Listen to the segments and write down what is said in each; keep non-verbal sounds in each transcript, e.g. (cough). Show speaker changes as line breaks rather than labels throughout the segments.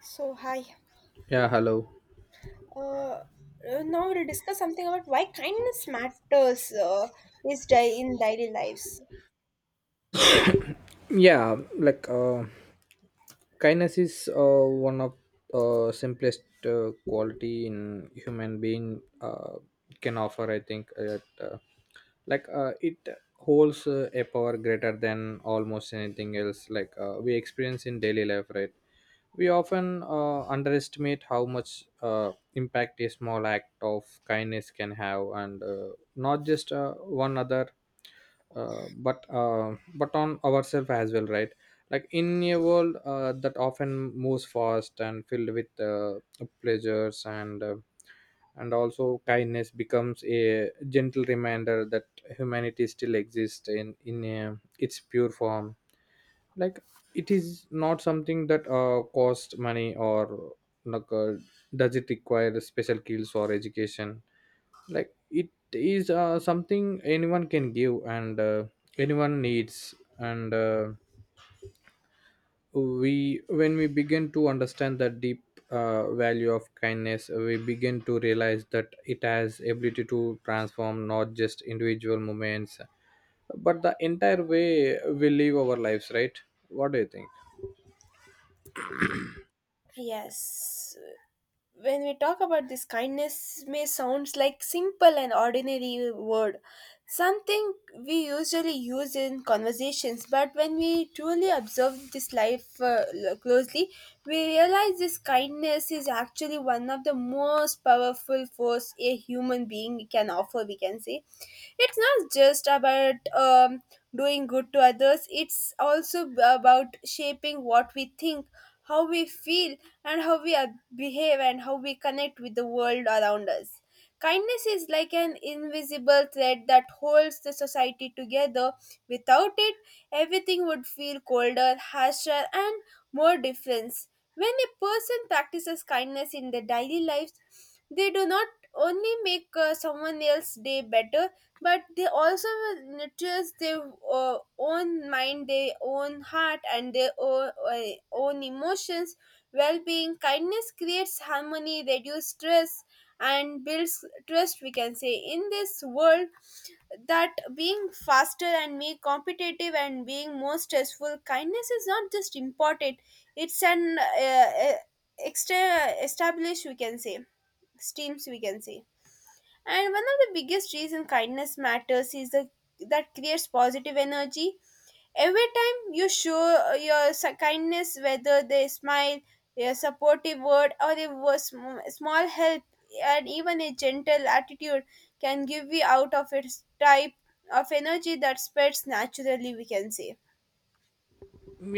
So hi.
Yeah, hello.
Uh, uh, Now we'll discuss something about why kindness matters, in daily lives.
Yeah, like kindness is one of simplest quality in human being can offer, I think. Uh, like it holds a power greater than almost anything else, like we experience in daily life, right? We often underestimate how much impact a small act of kindness can have, and not just one other, but on ourselves as well, right? Like in a world that often moves fast and filled with pleasures, and also kindness becomes a gentle reminder that humanity still exists in its pure form, like it is not something that costs money, or, like, does it require special skills or education? Like, it is something anyone can give, and anyone needs, and we when we begin to understand the deep value of kindness, we begin to realize that it has ability to transform not just individual moments but the entire way we live our lives, right? What do you think?
Yes, when we talk about this, kindness may sounds like simple and ordinary word. Something we usually use in conversations, but when we truly observe this life closely, we realize this kindness is actually one of the most powerful force a human being can offer. We can say it's not just about doing good to others; it's also about shaping what we think, how we feel, and how we behave, and how we connect with the world around us. Kindness is like an invisible thread that holds the society together. Without it, everything would feel colder, harsher, and more difference. When a person practices kindness in their daily lives, they do not only make someone else's day better, but they also nurtures their own mind, their own heart, and their own, own emotions. Well being, kindness creates harmony, reduces stress, and builds trust, we can say, in this world that being faster and being competitive and being more stressful, kindness is not just important, it's an extra established, we can say, streams, we can say. And one of the biggest reason kindness matters is the, that creates positive energy. Every time you show kindness, whether they smile, a supportive word, or a small help, and even a gentle attitude can give you out of its type of energy that spreads naturally, we can say.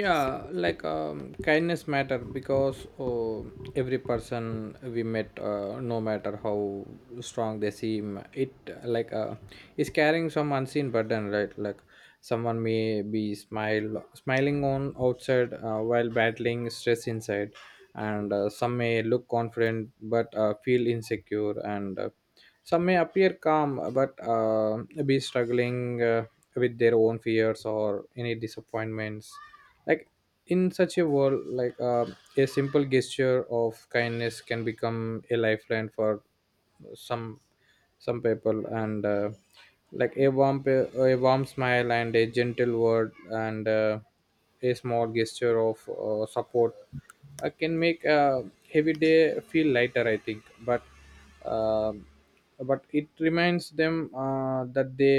Yeah, like kindness matter because, oh, every person we met, no matter how strong they seem, it is carrying some unseen burden, right? Like, someone may be smile smiling on outside while battling stress inside, and some may look confident but feel insecure, and some may appear calm but be struggling with their own fears or any disappointments. Like in such a world, like a simple gesture of kindness can become a lifeline for some some people, and like a warm smile and a gentle word, and a small gesture of support can make a heavy day feel lighter, I think. But um but it reminds them that they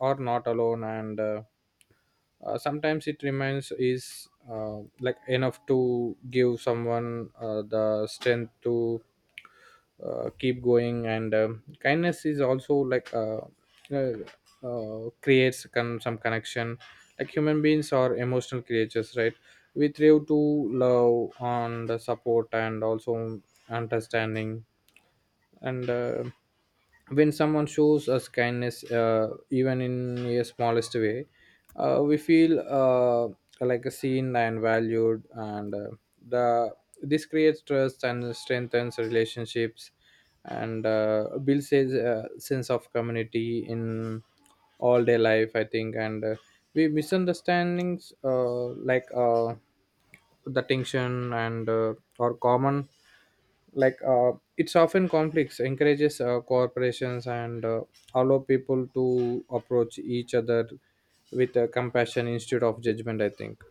are not alone, and sometimes it reminds is like enough to give someone the strength to keep going. And kindness is also, like, uh, creates some connection. Like, human beings are emotional creatures, right? We thrive to love and support and also understanding, and when someone shows us kindness, even in a smallest way, we feel like seen and valued, and the this creates trust and strengthens relationships, and builds a sense of community in all day life, I think. And we misunderstandings, the tension and are common, like it's often conflicts encourages corporations, and allow people to approach each other with compassion instead of judgment, I think.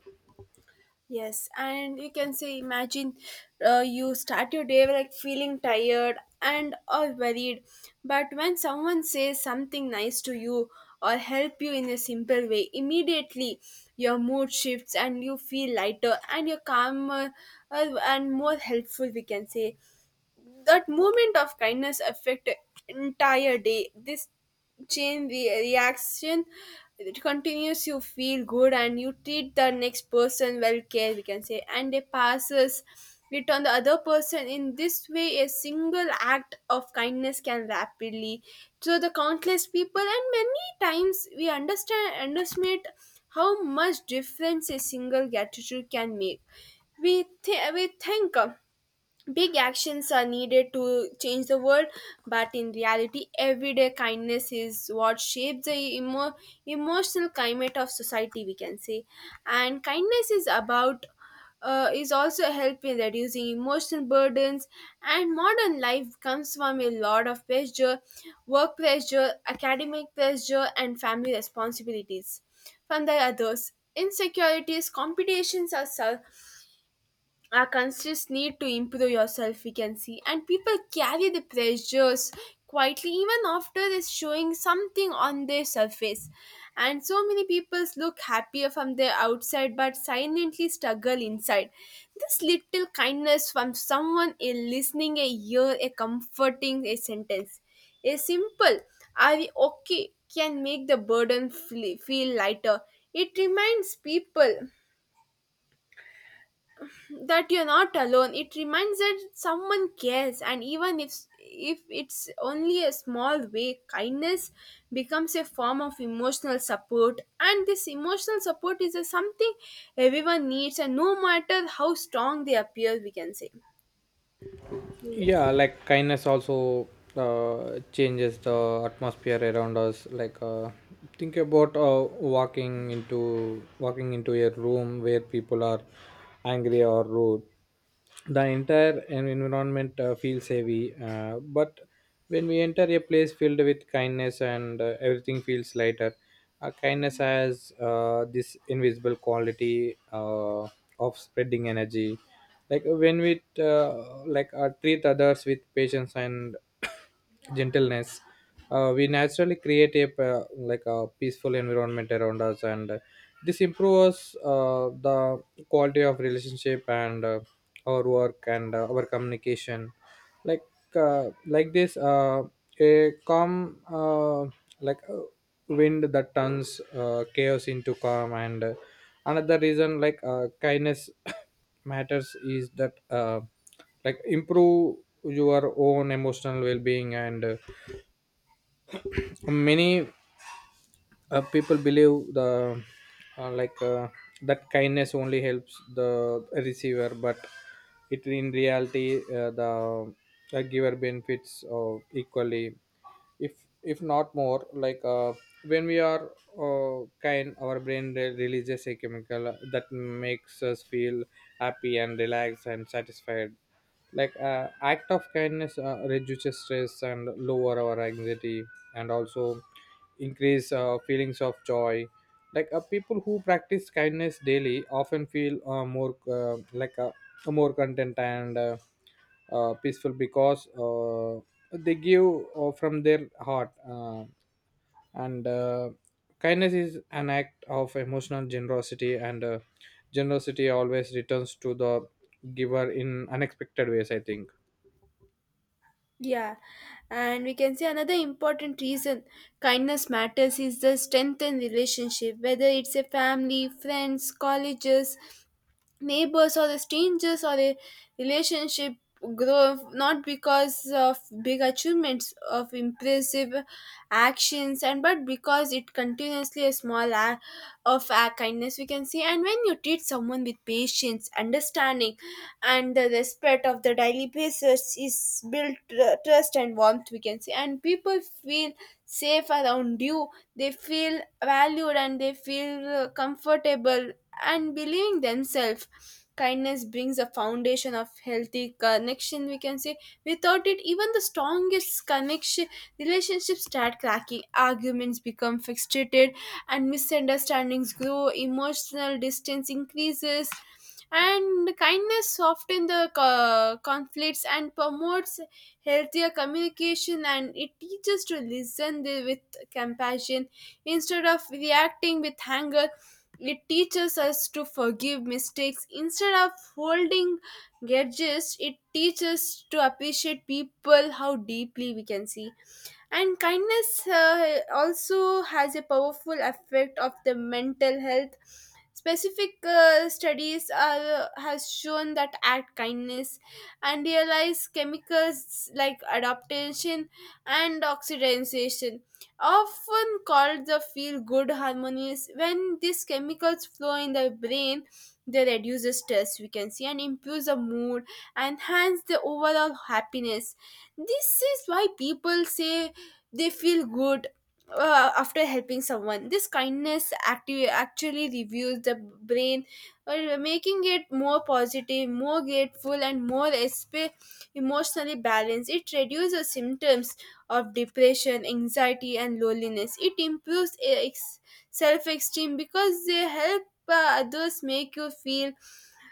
Yes, and you can say, imagine you start your day like feeling tired and or worried, but when someone says something nice to you or help you in a simple way, immediately your mood shifts and you feel lighter and you're calmer and more helpful. We can say that moment of kindness affect entire day. This reaction, it continues, you feel good and you treat the next person well care, we can say, and it passes it on the other person. In this way, a single act of kindness can rapidly to the countless people, and many times we understand underestimate how much difference a single gratitude can make. We think big actions are needed to change the world, but in reality, everyday kindness is what shapes the emotional climate of society, we can say. And kindness is about is also help in reducing emotional burdens, and modern life comes from a lot of pressure, work pressure, academic pressure, and family responsibilities, from the others insecurities, competitions are a conscious need to improve yourself, we can see, and people carry the pressures quietly, even after is showing something on their surface. And so many people look happier from their outside but silently struggle inside. This little kindness from someone, a listening a ear, a comforting a sentence, a simple are we okay, can make the burden feel lighter. It reminds people that you're not alone, it reminds that someone cares, and even if it's only a small way, kindness becomes a form of emotional support, and this emotional support is a something everyone needs, and no matter how strong they appear, we can say. So yes.
Yeah, like kindness also changes the atmosphere around us. Like think about walking into a room where people are angry or rude. The entire environment feels heavy, but when we enter a place filled with kindness, and everything feels lighter. Kindness has this invisible quality of spreading energy. Like when we treat others with patience and (coughs) gentleness, we naturally create a, like, a peaceful environment around us, and this improves the quality of relationship and our work and our communication, like like this a calm, like uh, wind that turns chaos into calm. And another reason, like kindness (coughs) matters, is that like improve your own emotional well-being. And many people believe the like that kindness only helps the receiver, but it, in reality, the giver benefits equally, if not more. Like when we are kind, our brain releases a chemical that makes us feel happy and relaxed and satisfied. Like act of kindness reduces stress and lower our anxiety, and also increase feelings of joy. Like people who practice kindness daily often feel more content and peaceful, because they give from their heart, and kindness is an act of emotional generosity, and generosity always returns to the giver in unexpected ways, I think.
Yeah, and we can say another important reason kindness matters is the strength in relationship, whether it's a family, friends, colleges, neighbors, or the strangers, or a relationship grow not because of big achievements of impressive actions, and but because it continuously a small act of kindness, we can see. And when you treat someone with patience, understanding, and the respect of the daily basis, is built trust and warmth, we can see, and people feel safe around you, they feel valued, and they feel comfortable and believing themselves. Kindness brings a foundation of healthy connection, we can say. Without it, even the strongest connection relationships start cracking, arguments become fixated, and misunderstandings grow, emotional distance increases. And kindness softens the conflicts and promotes healthier communication, and it teaches to listen with compassion instead of reacting with anger. It teaches us to forgive mistakes instead of holding grudges. It teaches to appreciate people how deeply, we can see. And kindness also has a powerful effect of the mental health. Specific studies are, has shown that act kindness and realize chemicals like adaptation and oxidation, often called the feel good hormones. When these chemicals flow in the brain, they reduce the stress, we can see, and improves the mood and enhance the overall happiness. This is why people say they feel good after helping someone. This kindness active actually reviews the brain, making it more positive, more grateful, and more emotionally balanced. It reduces symptoms of depression, anxiety, and loneliness. It improves self-esteem because they help others, make you feel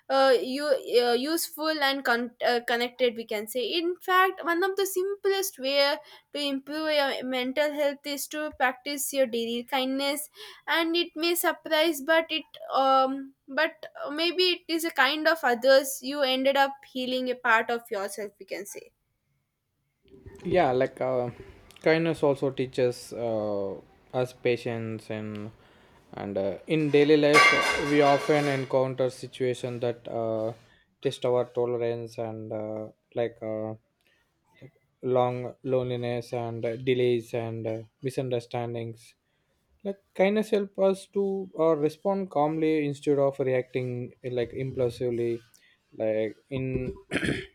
you useful and connected, we can say. In fact, one of the simplest way to improve your mental health is to practice your daily kindness. And it may surprise, but it but maybe it is a kind of others, you ended up healing a part of yourself, we can say.
Yeah, like kindness also teaches us patience, and in daily life we often encounter situations that test our tolerance, and like uh, long loneliness and delays and misunderstandings. Like, kindness help us to respond calmly instead of reacting like impulsively. Like in (clears throat)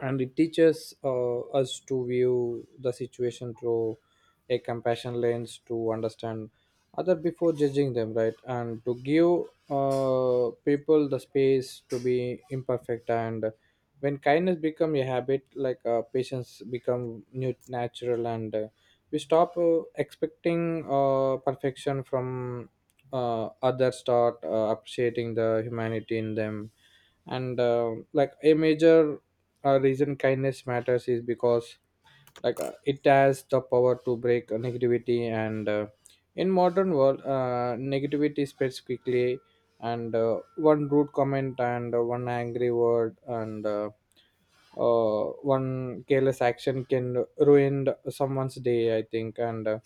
and it teaches us to view the situation through a compassion lens, to understand other before judging them, right, and to give people the space to be imperfect. And when kindness become a habit, like patience become new natural, and we stop expecting perfection from others, start appreciating the humanity in them. And like a major reason kindness matters is because, like it has the power to break negativity. And in modern world, negativity spreads quickly, and one rude comment, and one angry word, and uh, one careless action can ruin someone's day, I think. and uh,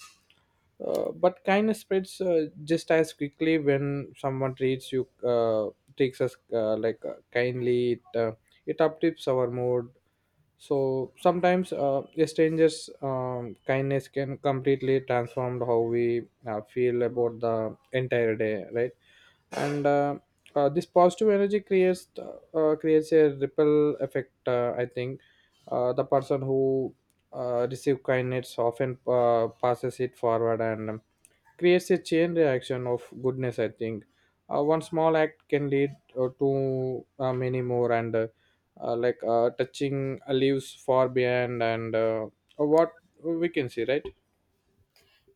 uh, but kindness spreads just as quickly. When someone treats you, takes us like kindly, it uptips our mood. So sometimes a stranger's kindness can completely transform how we feel about the entire day, right? And this positive energy creates a ripple effect, I think. The person who receive kindness often passes it forward, and creates a chain reaction of goodness, I think. One small act can lead to many more, and touching leaves far behind, and what we can see, right?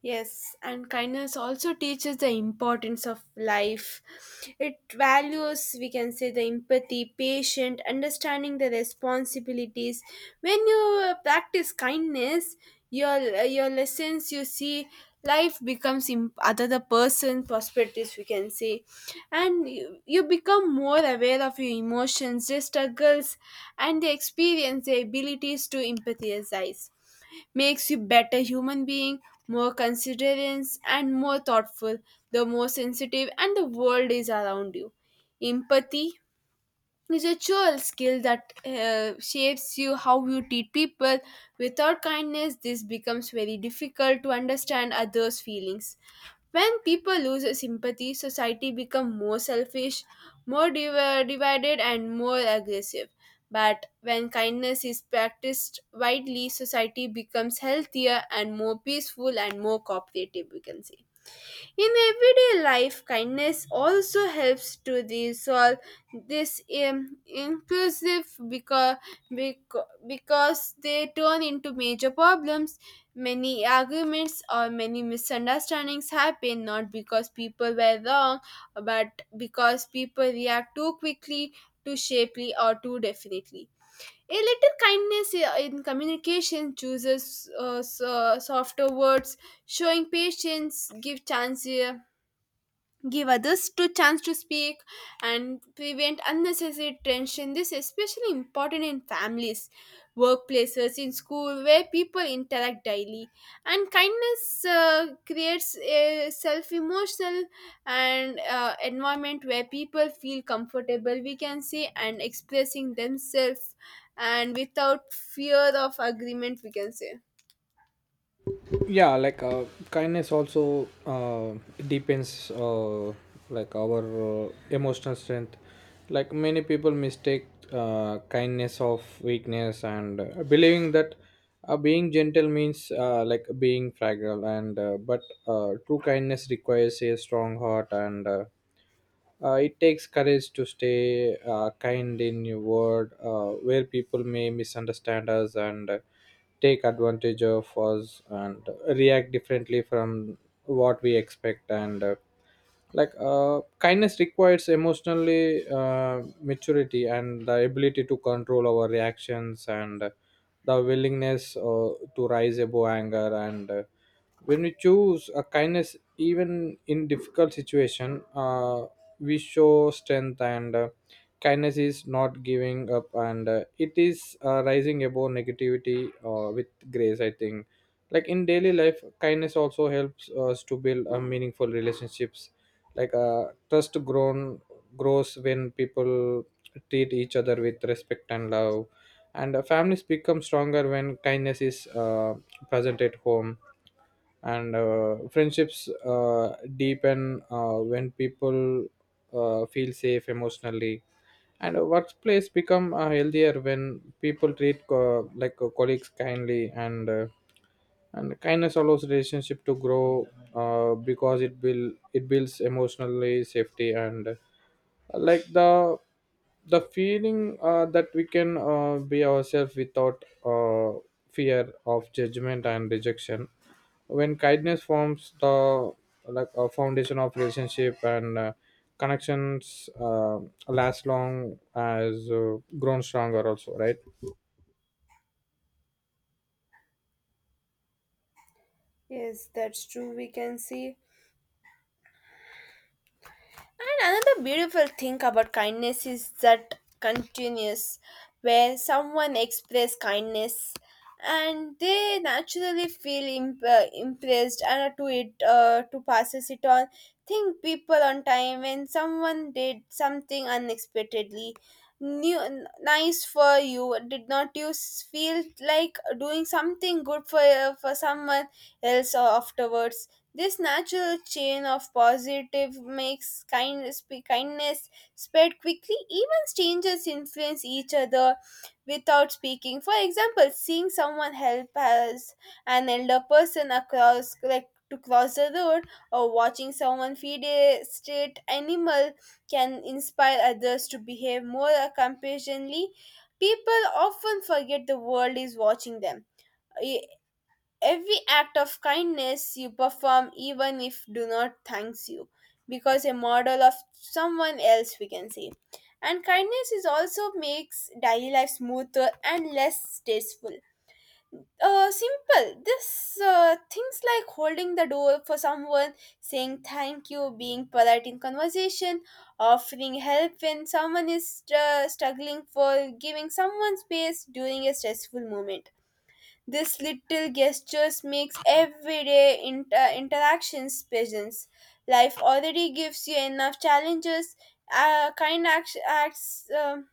Yes, and kindness also teaches the importance of life. It values, we can say, the empathy, patient, understanding the responsibilities. When you practice kindness, your your lessons you see, life becomes other the person perspectives, we can say, and you become more aware of your emotions, your struggles, and the experience. The abilities to empathize makes you better human being, more considerate and more thoughtful, the more sensitive, and the world is around you. Empathy is a dual skill that shapes you how you treat people. Without kindness, this becomes very difficult to understand others' feelings. When people lose sympathy, society becomes more selfish, more divided, and more aggressive. But when kindness is practiced widely, society becomes healthier and more peaceful and more cooperative, we can say. In everyday life, kindness also helps to resolve this inclusive because they turn into major problems. Many arguments or many misunderstandings happen not because people were wrong, but because people react too quickly, too shapely, or too definitely. A little kindness in communication chooses softer words, showing patience, give chance. Give others to chance to speak and prevent unnecessary tension. This is especially important in families, workplaces, in school where people interact daily. And kindness creates a self emotional and environment where people feel comfortable, we can say, and expressing themselves and without fear of agreement, we can say.
Yeah, like kindness also depends like our emotional strength. Like many people mistake kindness of weakness, and believing that being gentle means like being fragile, and but true kindness requires a strong heart, and it takes courage to stay kind in your word, where people may misunderstand us, and take advantage of us, and react differently from what we expect. And kindness requires emotionally maturity, and the ability to control our reactions, and the willingness to rise above anger. And when we choose a kindness, even in difficult situation, we show strength. And kindness is not giving up, and it is rising above negativity with grace, I think. Like in daily life, kindness also helps us to build meaningful relationships. Like trust grown grows when people treat each other with respect and love, and families become stronger when kindness is present at home, and friendships deepen when people feel safe emotionally, and a workplace become healthier when people treat colleagues kindly, and kindness allows relationship to grow because it builds emotionally safety, and like the feeling that we can be ourselves without fear of judgment and rejection. When kindness forms the, like, a foundation of relationship, and connections last long as grown stronger also, right?
Yes, that's true. We can see. And another beautiful thing about kindness is that continuous, where someone express kindness and they naturally feel impressed and to passes it on. Think people on time when someone did something unexpectedly nice for you, did not you feel like doing something good for someone else afterwards. This natural chain of positive makes kindness spread quickly. Even strangers influence each other without speaking. For example, seeing someone help as an elder person across like to cross the road, or watching someone feed a stray animal, can inspire others to behave more compassionately. People often forget the world is watching them. Every act of kindness you perform, even if do not thanks you, because a model of someone else, we can say. And kindness is also makes daily life smoother and less stressful. Simple. This things like holding the door for someone, saying thank you, being polite in conversation, offering help when someone is struggling, for giving someone space during a stressful moment, this little gestures makes everyday interactions pleasant. Life already gives you enough challenges. Uh, kind act- acts um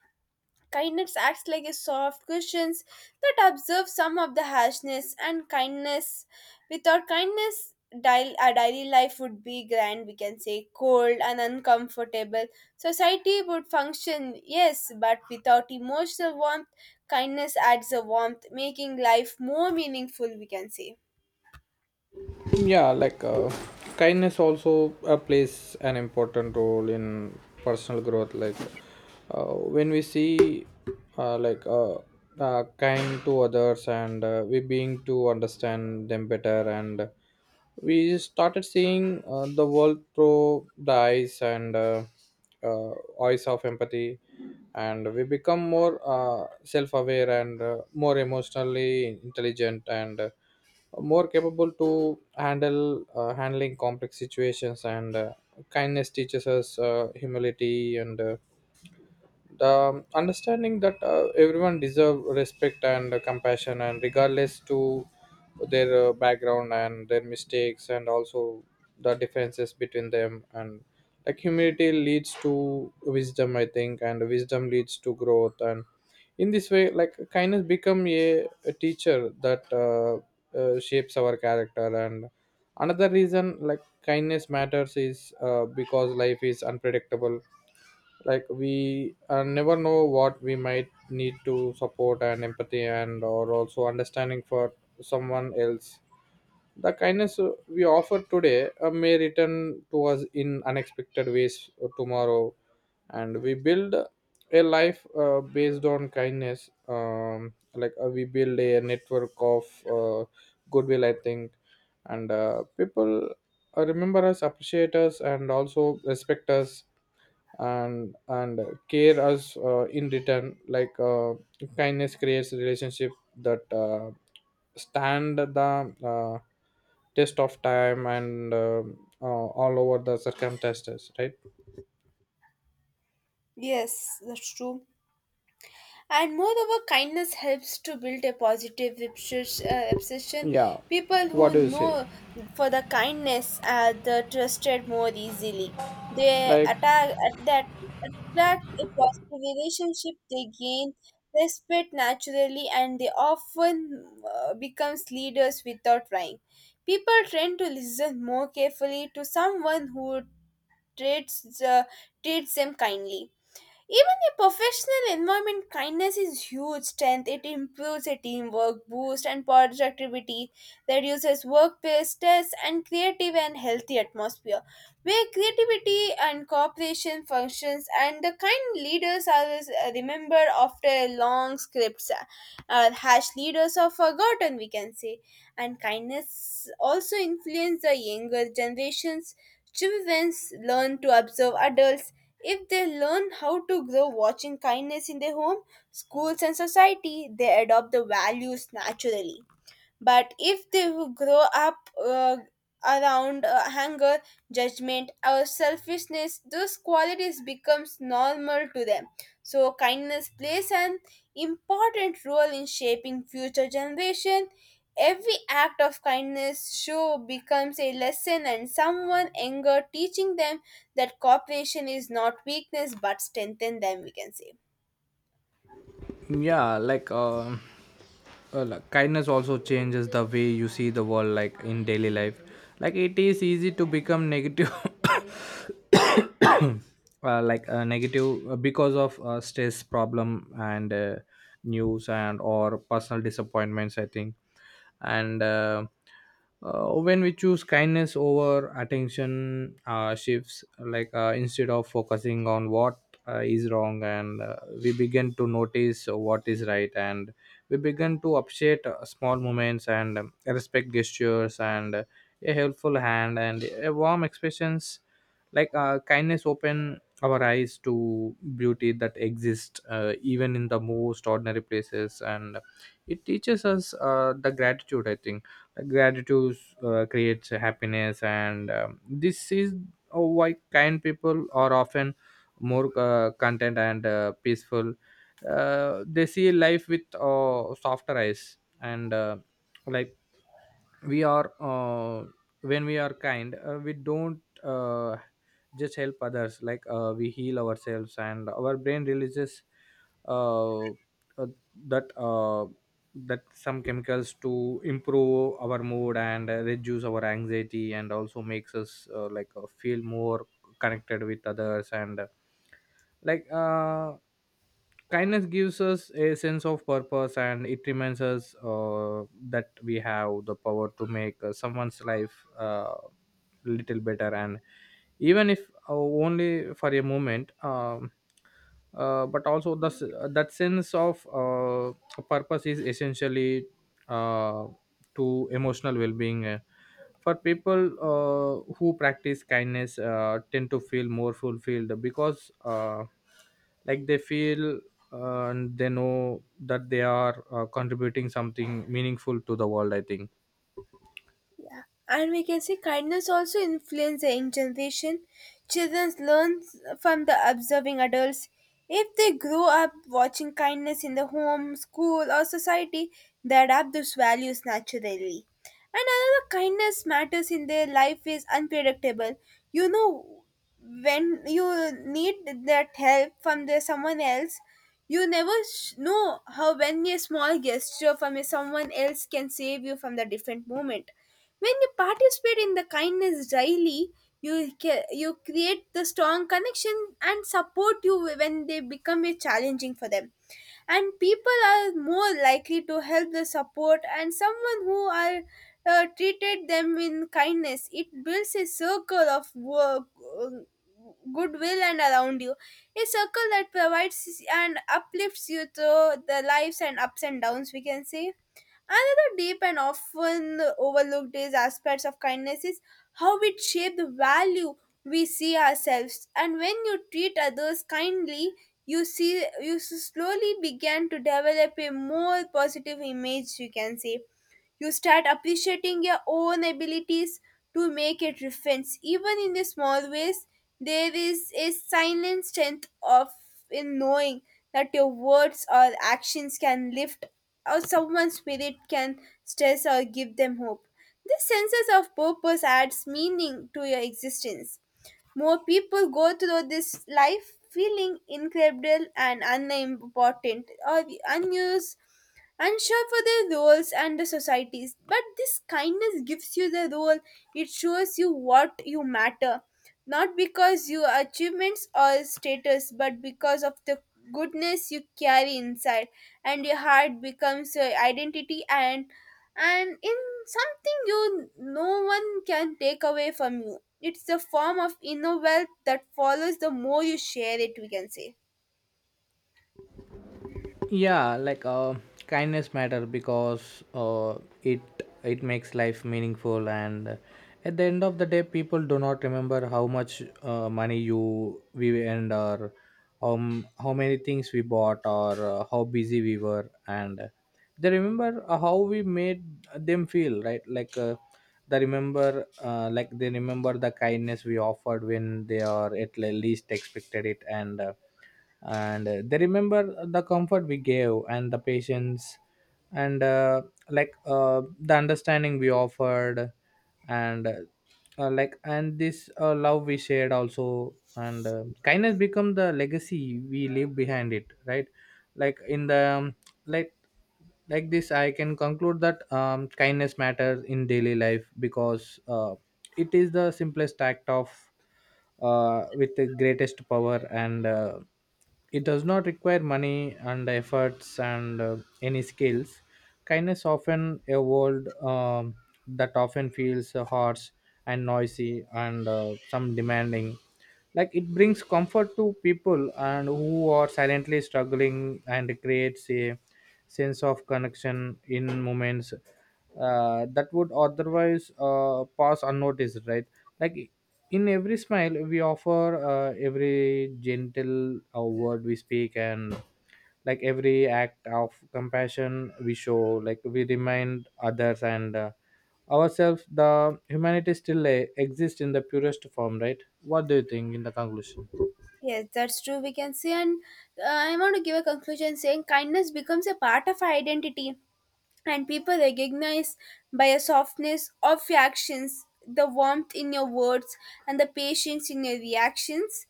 Kindness acts like a soft cushion that absorbs some of the harshness and kindness. Without kindness, daily, our daily life would be grand, we can say, cold and uncomfortable. Society would function, yes, but without emotional warmth, kindness adds a warmth, making life more meaningful, we can say.
Yeah, like kindness also plays an important role in personal growth. Like when we see uh, like uh, kind to others, and we being to understand them better, and we started seeing the world through the eyes, and uh, eyes of empathy, and we become more self-aware and more emotionally intelligent and more capable to handle handling complex situations. And kindness teaches us humility and the understanding that everyone deserve respect and compassion, and regardless to their background and their mistakes and also the differences between them. And like humility leads to wisdom, I think, and wisdom leads to growth. And in this way, like kindness become a teacher that shapes our character. And another reason, like kindness matters, is because life is unpredictable. Like we never know what we might need, to support and empathy and or also understanding for someone else. The kindness we offer today may return to us in unexpected ways tomorrow. And we build a life based on kindness, like we build a network of uh, goodwill, I think. And people remember us, appreciate us, and also respect us, and care us in return. Like kindness creates relationship that stand the uh, test of time, and all over the circumstances, right?
Yes, that's true. And moreover, kindness helps to build a positive obsession.
Yeah,
People
what
who
do you say?
know for the kindness are the trusted more easily. They
Like,
attack that attract a positive relationship. They gain respect naturally, and they often becomes leaders without trying. People tend to listen more carefully to someone who treats uh, treats them kindly. Even a professional environment, kindness is huge strength. It improves a teamwork, boosts and productivity, reduces workplace stress, and creative and healthy atmosphere where creativity and cooperation functions. And the kind leaders are remembered after long scripts. Harsh leaders are forgotten, we can say. And kindness also influences the younger generations. Children learn to observe adults. If they learn how to grow watching kindness in their home, schools, and society, they adopt the values naturally. But if they who grow up around anger, judgment, or selfishness, those qualities becomes normal to them. So kindness plays an important role in shaping future generation. Every act of kindness show becomes a lesson and someone anger teaching them that cooperation is not weakness but strengthen them, we can say.
yeah, like, kindness also changes the way you see the world, like in daily life, like It is easy to become negative (laughs) (coughs) negative because of stress problem and news and or personal disappointments I think. And uh, uh, when we choose kindness over attention shifts, instead of focusing on what is wrong, and we begin to notice what is right, and we begin to appreciate small moments and respect gestures and a helpful hand and a warm expressions. Kindness open our eyes to beauty that exists even in the most ordinary places, and it teaches us the gratitude, I think. Like, gratitude creates happiness, and this is why kind people are often more content and peaceful. They see life with softer eyes, and like we are when we are kind, we don't just help others, we heal ourselves, and our brain releases uh, uh, that that some chemicals to improve our mood and reduce our anxiety, and also makes us feel more connected with others. And like Kindness gives us a sense of purpose, and it reminds us that we have the power to make someone's life little better, and even if only for a moment. But also that sense of purpose is essentially, uh, to emotional well-being, for people who practice kindness tend to feel more fulfilled, because they feel and they know that they are contributing something meaningful to the world, I think.
Yeah. And we can see kindness also influence the young generation. Children learn from the observing adults. If they grow up watching kindness in the home, school, or society, they adapt those values naturally. And another kindness matters in their life is unpredictable. You know, when you need that help from the someone else, you never know how when a small gesture from a someone else can save you from the different moment. When you participate in the kindness daily, you create the strong connection and support you when they become a challenging for them. And people are more likely to help the support and someone who are treated them in kindness. It builds a circle of work, uh, goodwill and around you, a circle that provides and uplifts you through the lives and ups and downs, we can say. Another deep and often overlooked is aspects of kindness is how it shapes the value we see ourselves. And when you treat others kindly, you see you slowly begin to develop a more positive image, you can say. You start appreciating your own abilities to make a difference, even in the small ways. There is a silent strength of in knowing that your words or actions can lift or someone's spirit can stress or give them hope. This sense of purpose adds meaning to your existence. More people go through this life feeling incredible and unimportant or unused, unsure for their roles and the societies. But this kindness gives you the role, it shows you what you matter, not because your achievements or status, but because of the goodness you carry inside, and your heart becomes your identity, and in something you no one can take away from you. It's a form of inner wealth that follows the more you share it, we can say.
Yeah. Kindness matter because it it makes life meaningful. And At the end of the day, people do not remember how much money you we earned, or how many things we bought, or how busy we were, and they remember how we made them feel, right? They remember the kindness we offered when they are least expected it. And They remember the comfort we gave and the patience and the understanding we offered and uh, and this love we shared also. And Kindness become the legacy we leave behind it, right? like in the like like this, I can conclude that kindness matters in daily life because it is the simplest act of with the greatest power, and it does not require money and efforts and any skills. Kindness often a world that often feels harsh and noisy and some demanding. Like, it brings comfort to people and who are silently struggling, and creates a sense of connection in moments that would otherwise pass unnoticed, right? Like, in every smile we offer, every gentle word we speak, and like every act of compassion we show, like we remind others and ourselves the humanity still exists in the purest form, right? What do you think in the conclusion?
Yes, that's true. We can see, and I want to give a conclusion saying kindness becomes a part of our identity and people recognize by a softness of your actions, the warmth in your words, and the patience in your reactions.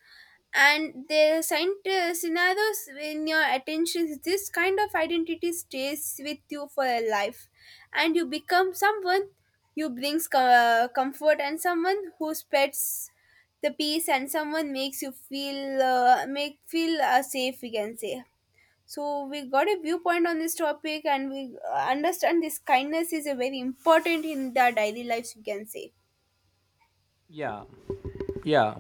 And the scenarios in your attention, this kind of identity stays with you for a life, and you become someone who brings comfort and someone who spreads the peace and someone makes you feel make feel safe. We can say, so we got a viewpoint on this topic and we understand this kindness is a very important in the daily lives, you can say.
Yeah. Yeah.